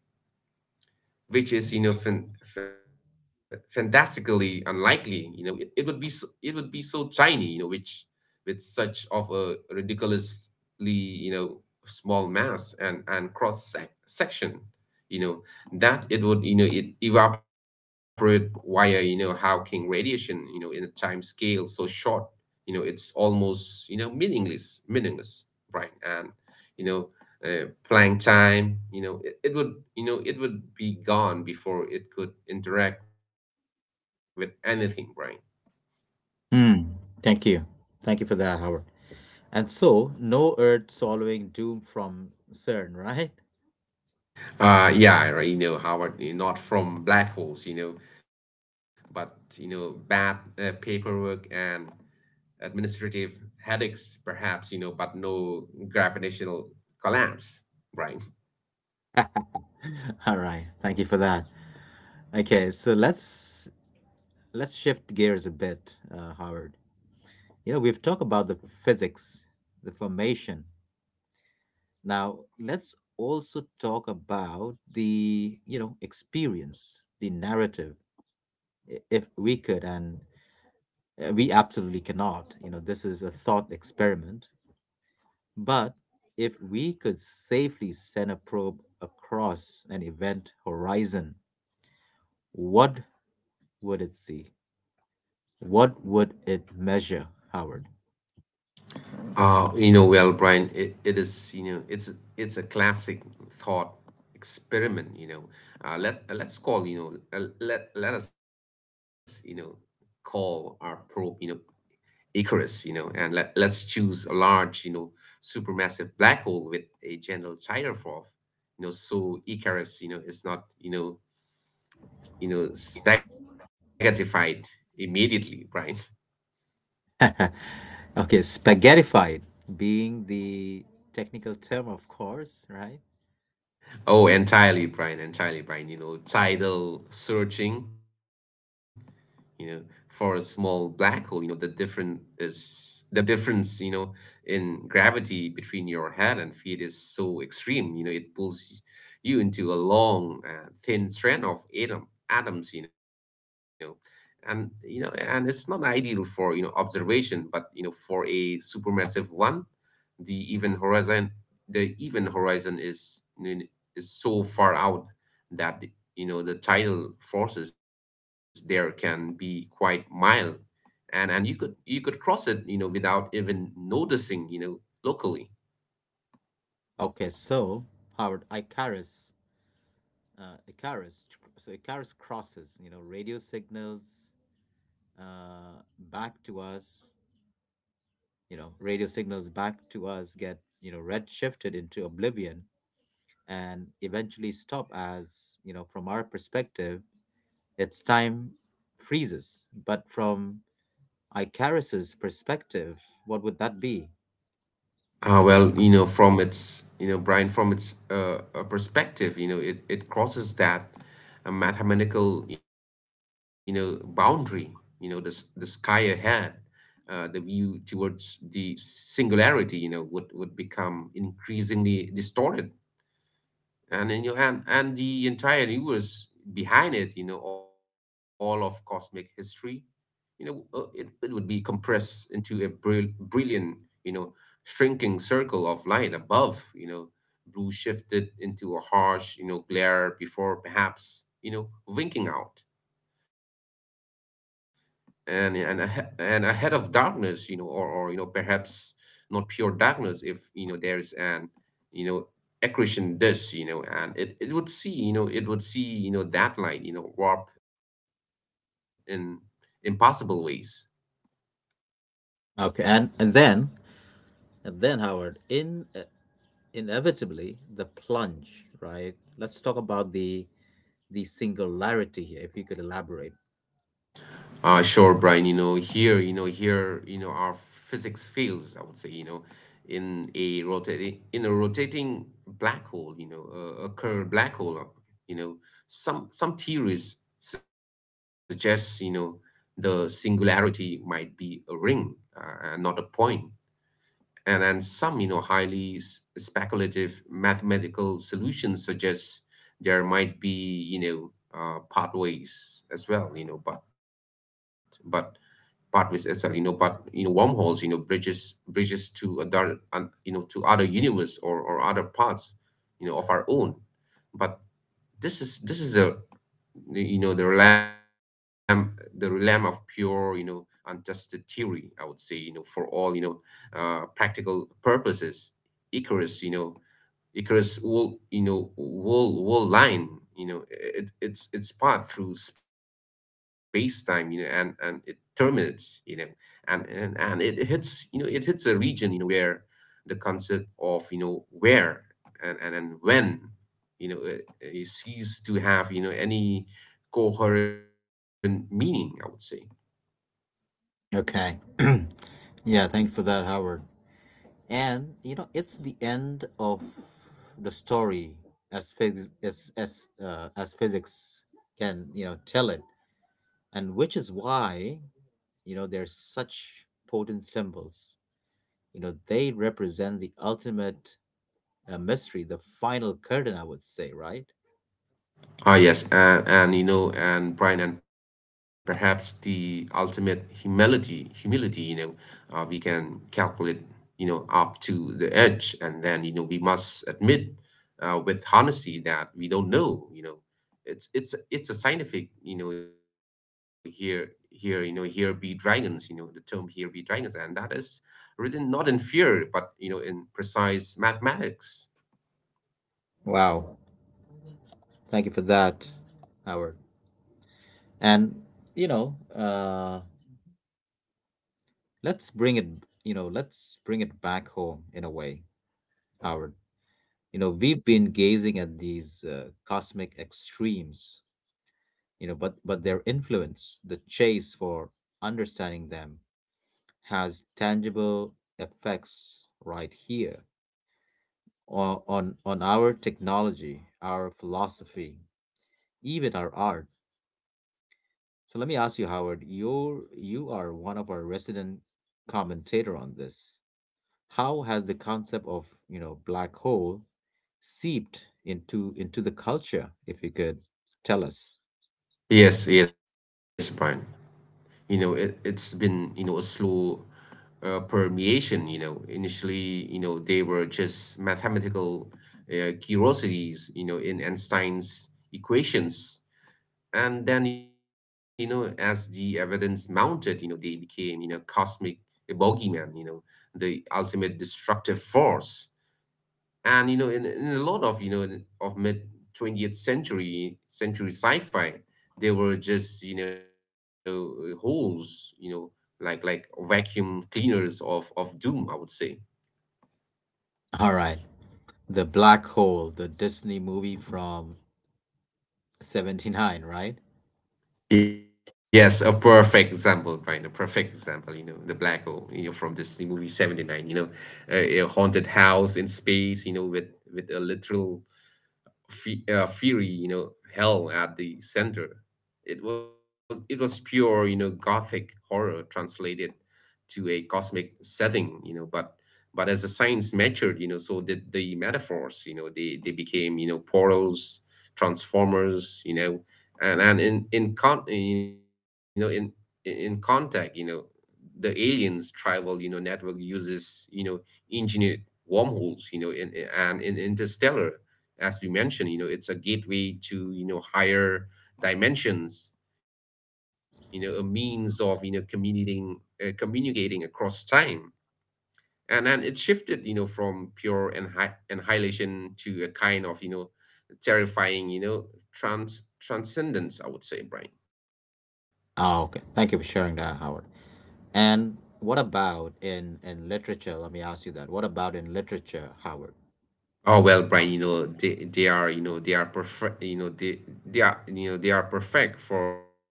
Speaker 2: which is, you know, fantastically unlikely, you know, it would be so, it would be so tiny, you know, which, with such of a ridiculously, you know, small mass and cross section, you know, that it would, you know, it evaporate via, you know, Hawking radiation, you know, in a time scale so short, you know, it's almost, you know, meaningless, right? And, you know, playing time, you know, it would, you know, it would be gone before it could interact with anything, right?
Speaker 1: Hmm. Thank you. Thank you for that, Howard. And so, no earth swallowing doom from CERN, right?
Speaker 2: Uh, yeah, right, you know, Howard, you know, not from black holes, you know, but you know, bad paperwork and administrative headaches, perhaps, you know, but no gravitational collapse, right?
Speaker 1: All right. Thank you for that. Okay, so let's shift gears a bit, Howard. We've talked about the physics, the formation. Now, let's also talk about the, experience, the narrative, if we could. And we absolutely cannot. This is a thought experiment. But if we could safely send a probe across an event horizon, what would it see? What would it measure, Howard?
Speaker 2: You know, well, Brian, it is, you know, it's a classic thought experiment, you know. Let let's call, you know, let let us, you know, call our probe, you know, Icarus, you know, and let's choose a large, you know, supermassive black hole with a general tire, you know, so Icarus, you know, is not, you know, spaghettified immediately, Brian.
Speaker 1: Okay, spaghettified being the technical term, of course, right?
Speaker 2: Oh, entirely, Brian, entirely, Brian. You know, tidal searching, you know, for a small black hole, you know, the different is the difference, you know, in gravity between your head and feet is so extreme, you know, it pulls you into a long, thin strand of atoms, you know. And you know, and it's not ideal for, you know, observation, but you know, for a supermassive one, the even horizon the even horizon is so far out that, you know, the tidal forces there can be quite mild, and you could, you could cross it, you know, without even noticing, you know, locally.
Speaker 1: Okay, so Howard, Icarus, so Icarus crosses, radio signals back to us, get, redshifted into oblivion and eventually stop as, from our perspective, its time freezes. But from Icarus's perspective, what would that be?
Speaker 2: Ah, well, you know, from its, you know, Brian, from its perspective, you know, it crosses that mathematical, you know, boundary, you know, this the sky ahead, the view towards the singularity, you know, would become increasingly distorted, and you know, and the entire universe behind it, you know, all of cosmic history, you know, it would be compressed into a brilliant, you know, shrinking circle of light above, you know, blue shifted into a harsh, you know, glare before perhaps, you know, winking out, and and ahead of darkness, you know, or you know, perhaps not pure darkness if you know there is an, you know, accretion disk, you know, and it would see, you know, it would see, you know, that light, you know, warp in impossible ways.
Speaker 1: Okay, and then, Howard, in inevitably the plunge, right? Let's talk about the singularity here, if you could elaborate.
Speaker 2: Sure, Brian. You know, here, you know, our physics fails, I would say, you know, in a rotating black hole, you know, a curved black hole, you know, some theories suggest, you know, the singularity might be a ring and not a point. And some, you know, highly speculative mathematical solutions suggest there might be, you know, pathways as well, you know, but but you know, wormholes, you know, bridges, bridges to other and you know to other universe or other parts, you know, of our own. But this is you know, the realm of pure, you know, untested theory, I would say, you know, for all, you know, uh, practical purposes, icarus you know Icarus wool line, you know, it's its path through space time, you know, and it terminates, you know, and it hits, you know, it hits a region, you know, where the concept of you know where and when, you know, it ceases to have, you know, any coherent meaning, I would say.
Speaker 1: Okay. Yeah, thank you for that, Howard. And it's the end of the story, as physics can tell it, and which is why there's such potent symbols. They represent the ultimate mystery, the final curtain, I would say, right?
Speaker 2: Ah, yes, and you know, and Brian, and perhaps the ultimate humility, you know, we can calculate, you know, up to the edge, and then you know we must admit, with honesty that we don't know, you know, it's it's a scientific, you know, here here you know, here be dragons, you know, the term here be dragons, and that is written not in fear, but you know, in precise mathematics.
Speaker 1: Wow. Thank you for that, Howard. And you know, uh, let's bring it. Let's bring it back home in a way, Howard. We've been gazing at these cosmic extremes. But their influence, the chase for understanding them, has tangible effects right here on on our technology, our philosophy, even our art. So let me ask you, Howard, you are one of our resident commentator on this. How has the concept of, black hole seeped into the culture, if you could tell us?
Speaker 2: Yes, yes, Brian. You know, it's been, you know, a slow permeation, you know, initially, you know, they were just mathematical curiosities, you know, in Einstein's equations. And then, you know, as the evidence mounted, you know, they became, you know, cosmic bogeyman, you know, the ultimate destructive force. And you know, in a lot of, you know, of mid 20th century sci-fi, there were just, you know, holes, you know, like vacuum cleaners of doom, I would say.
Speaker 1: All right. The black hole, the Disney movie from 79, right?
Speaker 2: Yes, a perfect example, right? A perfect example, you know, the black hole, you know, from this movie 79, you know, a haunted house in space, you know, with a literal fiery, you know, hell at the center. It was pure, you know, gothic horror translated to a cosmic setting, you know. But as the science matured, you know, so did the metaphors. You know, they became, you know, portals, transformers, you know, and in contact, you know, the aliens tribal, you know, network uses, you know, engineered wormholes, you know, and in interstellar, as we mentioned, you know, it's a gateway to, you know, higher dimensions, you know, a means of, you know, communicating across time. And then it shifted, you know, from pure annihilation to a kind of, you know, terrifying, you know, transcendence, I would say, Brian.
Speaker 1: Oh, okay. Thank you for sharing that, Howard. And what about in literature? Let me ask you that. What about in literature, Howard?
Speaker 2: Oh well, Brian, you know, they are, perfect, you know, they are, perfect for, you know,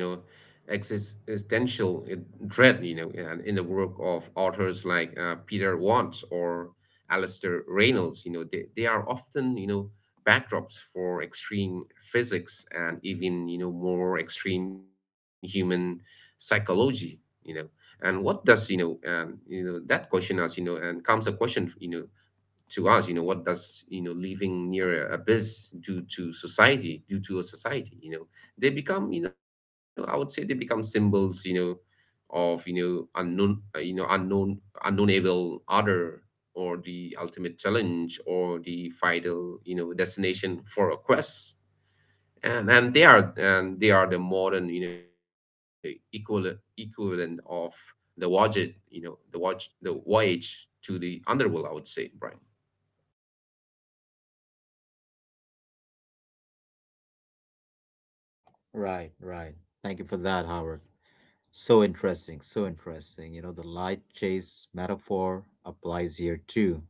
Speaker 2: existential dread, you know. And in the work of authors like Peter Watts or Alistair Reynolds, you know, they are often, you know, backdrops for extreme physics and even, you know, more extreme human psychology, you know. And what does, you know, you know, that question as, you know, and comes a question, you know, to us, you know, what does, you know, living near a abyss do to society, do to a society, you know, they become, you know, I would say, they become symbols, you know, of, you know, unknown unknownable other, or the ultimate challenge, or the final, you know, destination for a quest. And and they are the modern, you know, equal equivalent of the voyage, you know, the voyage to the underworld, I would say, Brian.
Speaker 1: Right, right. Thank you for that, Howard. So interesting, so interesting. The light chase metaphor applies here too.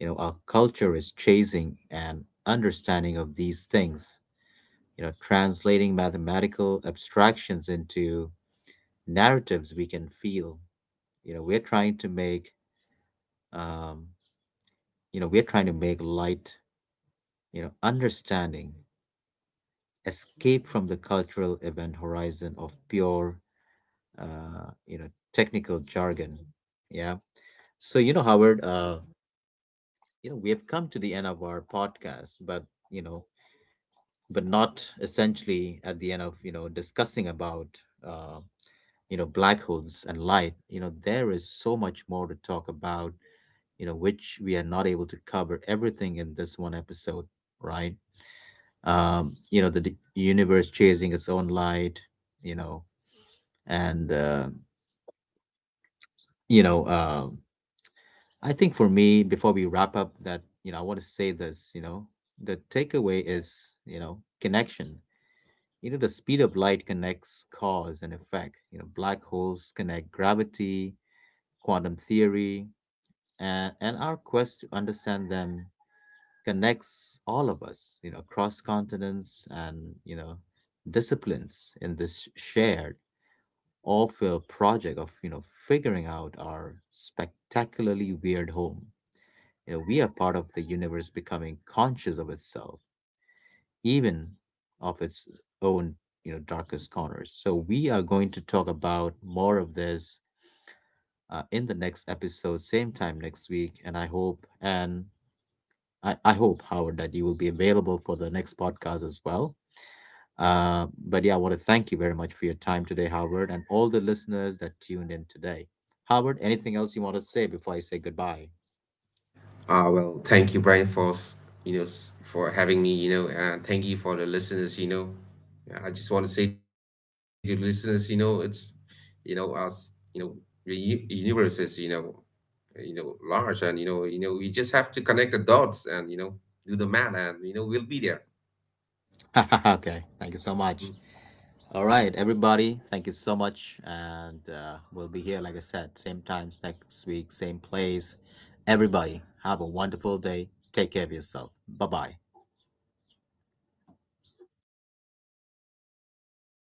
Speaker 1: Our culture is chasing an understanding of these things, translating mathematical abstractions into narratives we can feel. You know, we're trying to make, um, we're trying to make light, understanding, escape from the cultural event horizon of pure, technical jargon. Yeah. So, Howard, we have come to the end of our podcast, but you know but not essentially at the end of discussing about uh, black holes and light. There is so much more to talk about, which we are not able to cover everything in this one episode, right? The universe chasing its own light, you know and you know um I think for me, before we wrap up, that I want to say this. The takeaway is, connection. You know, the speed of light connects cause and effect. Black holes connect gravity, quantum theory, and, our quest to understand them connects all of us, across continents and, disciplines in this shared all-field project of, figuring out our spectacularly weird home. We are part of the universe becoming conscious of itself, even of its own darkest corners. So we are going to talk about more of this in the next episode, same time next week. And I hope, and I hope, Howard, that you will be available for the next podcast as well. But yeah, I want to thank you very much for your time today, Howard, and all the listeners that tuned in today. Howard, anything else you want to say before I say goodbye?
Speaker 2: Well, thank you, Brian, for having me. You know, and thank you for the listeners. You know, yeah, I just want to say to listeners, you know, it's, you know, us, you know, the universe is, you know, you know, large, and you know, you know, we just have to connect the dots, and you know, do the math, and you know, we'll be there.
Speaker 1: Okay, thank you so much.
Speaker 2: 嗯，
Speaker 1: All right, everybody, thank you so much. And we'll be here, like I said, same times next week, same place. Everybody, have a wonderful day. Take care of yourself. Bye bye.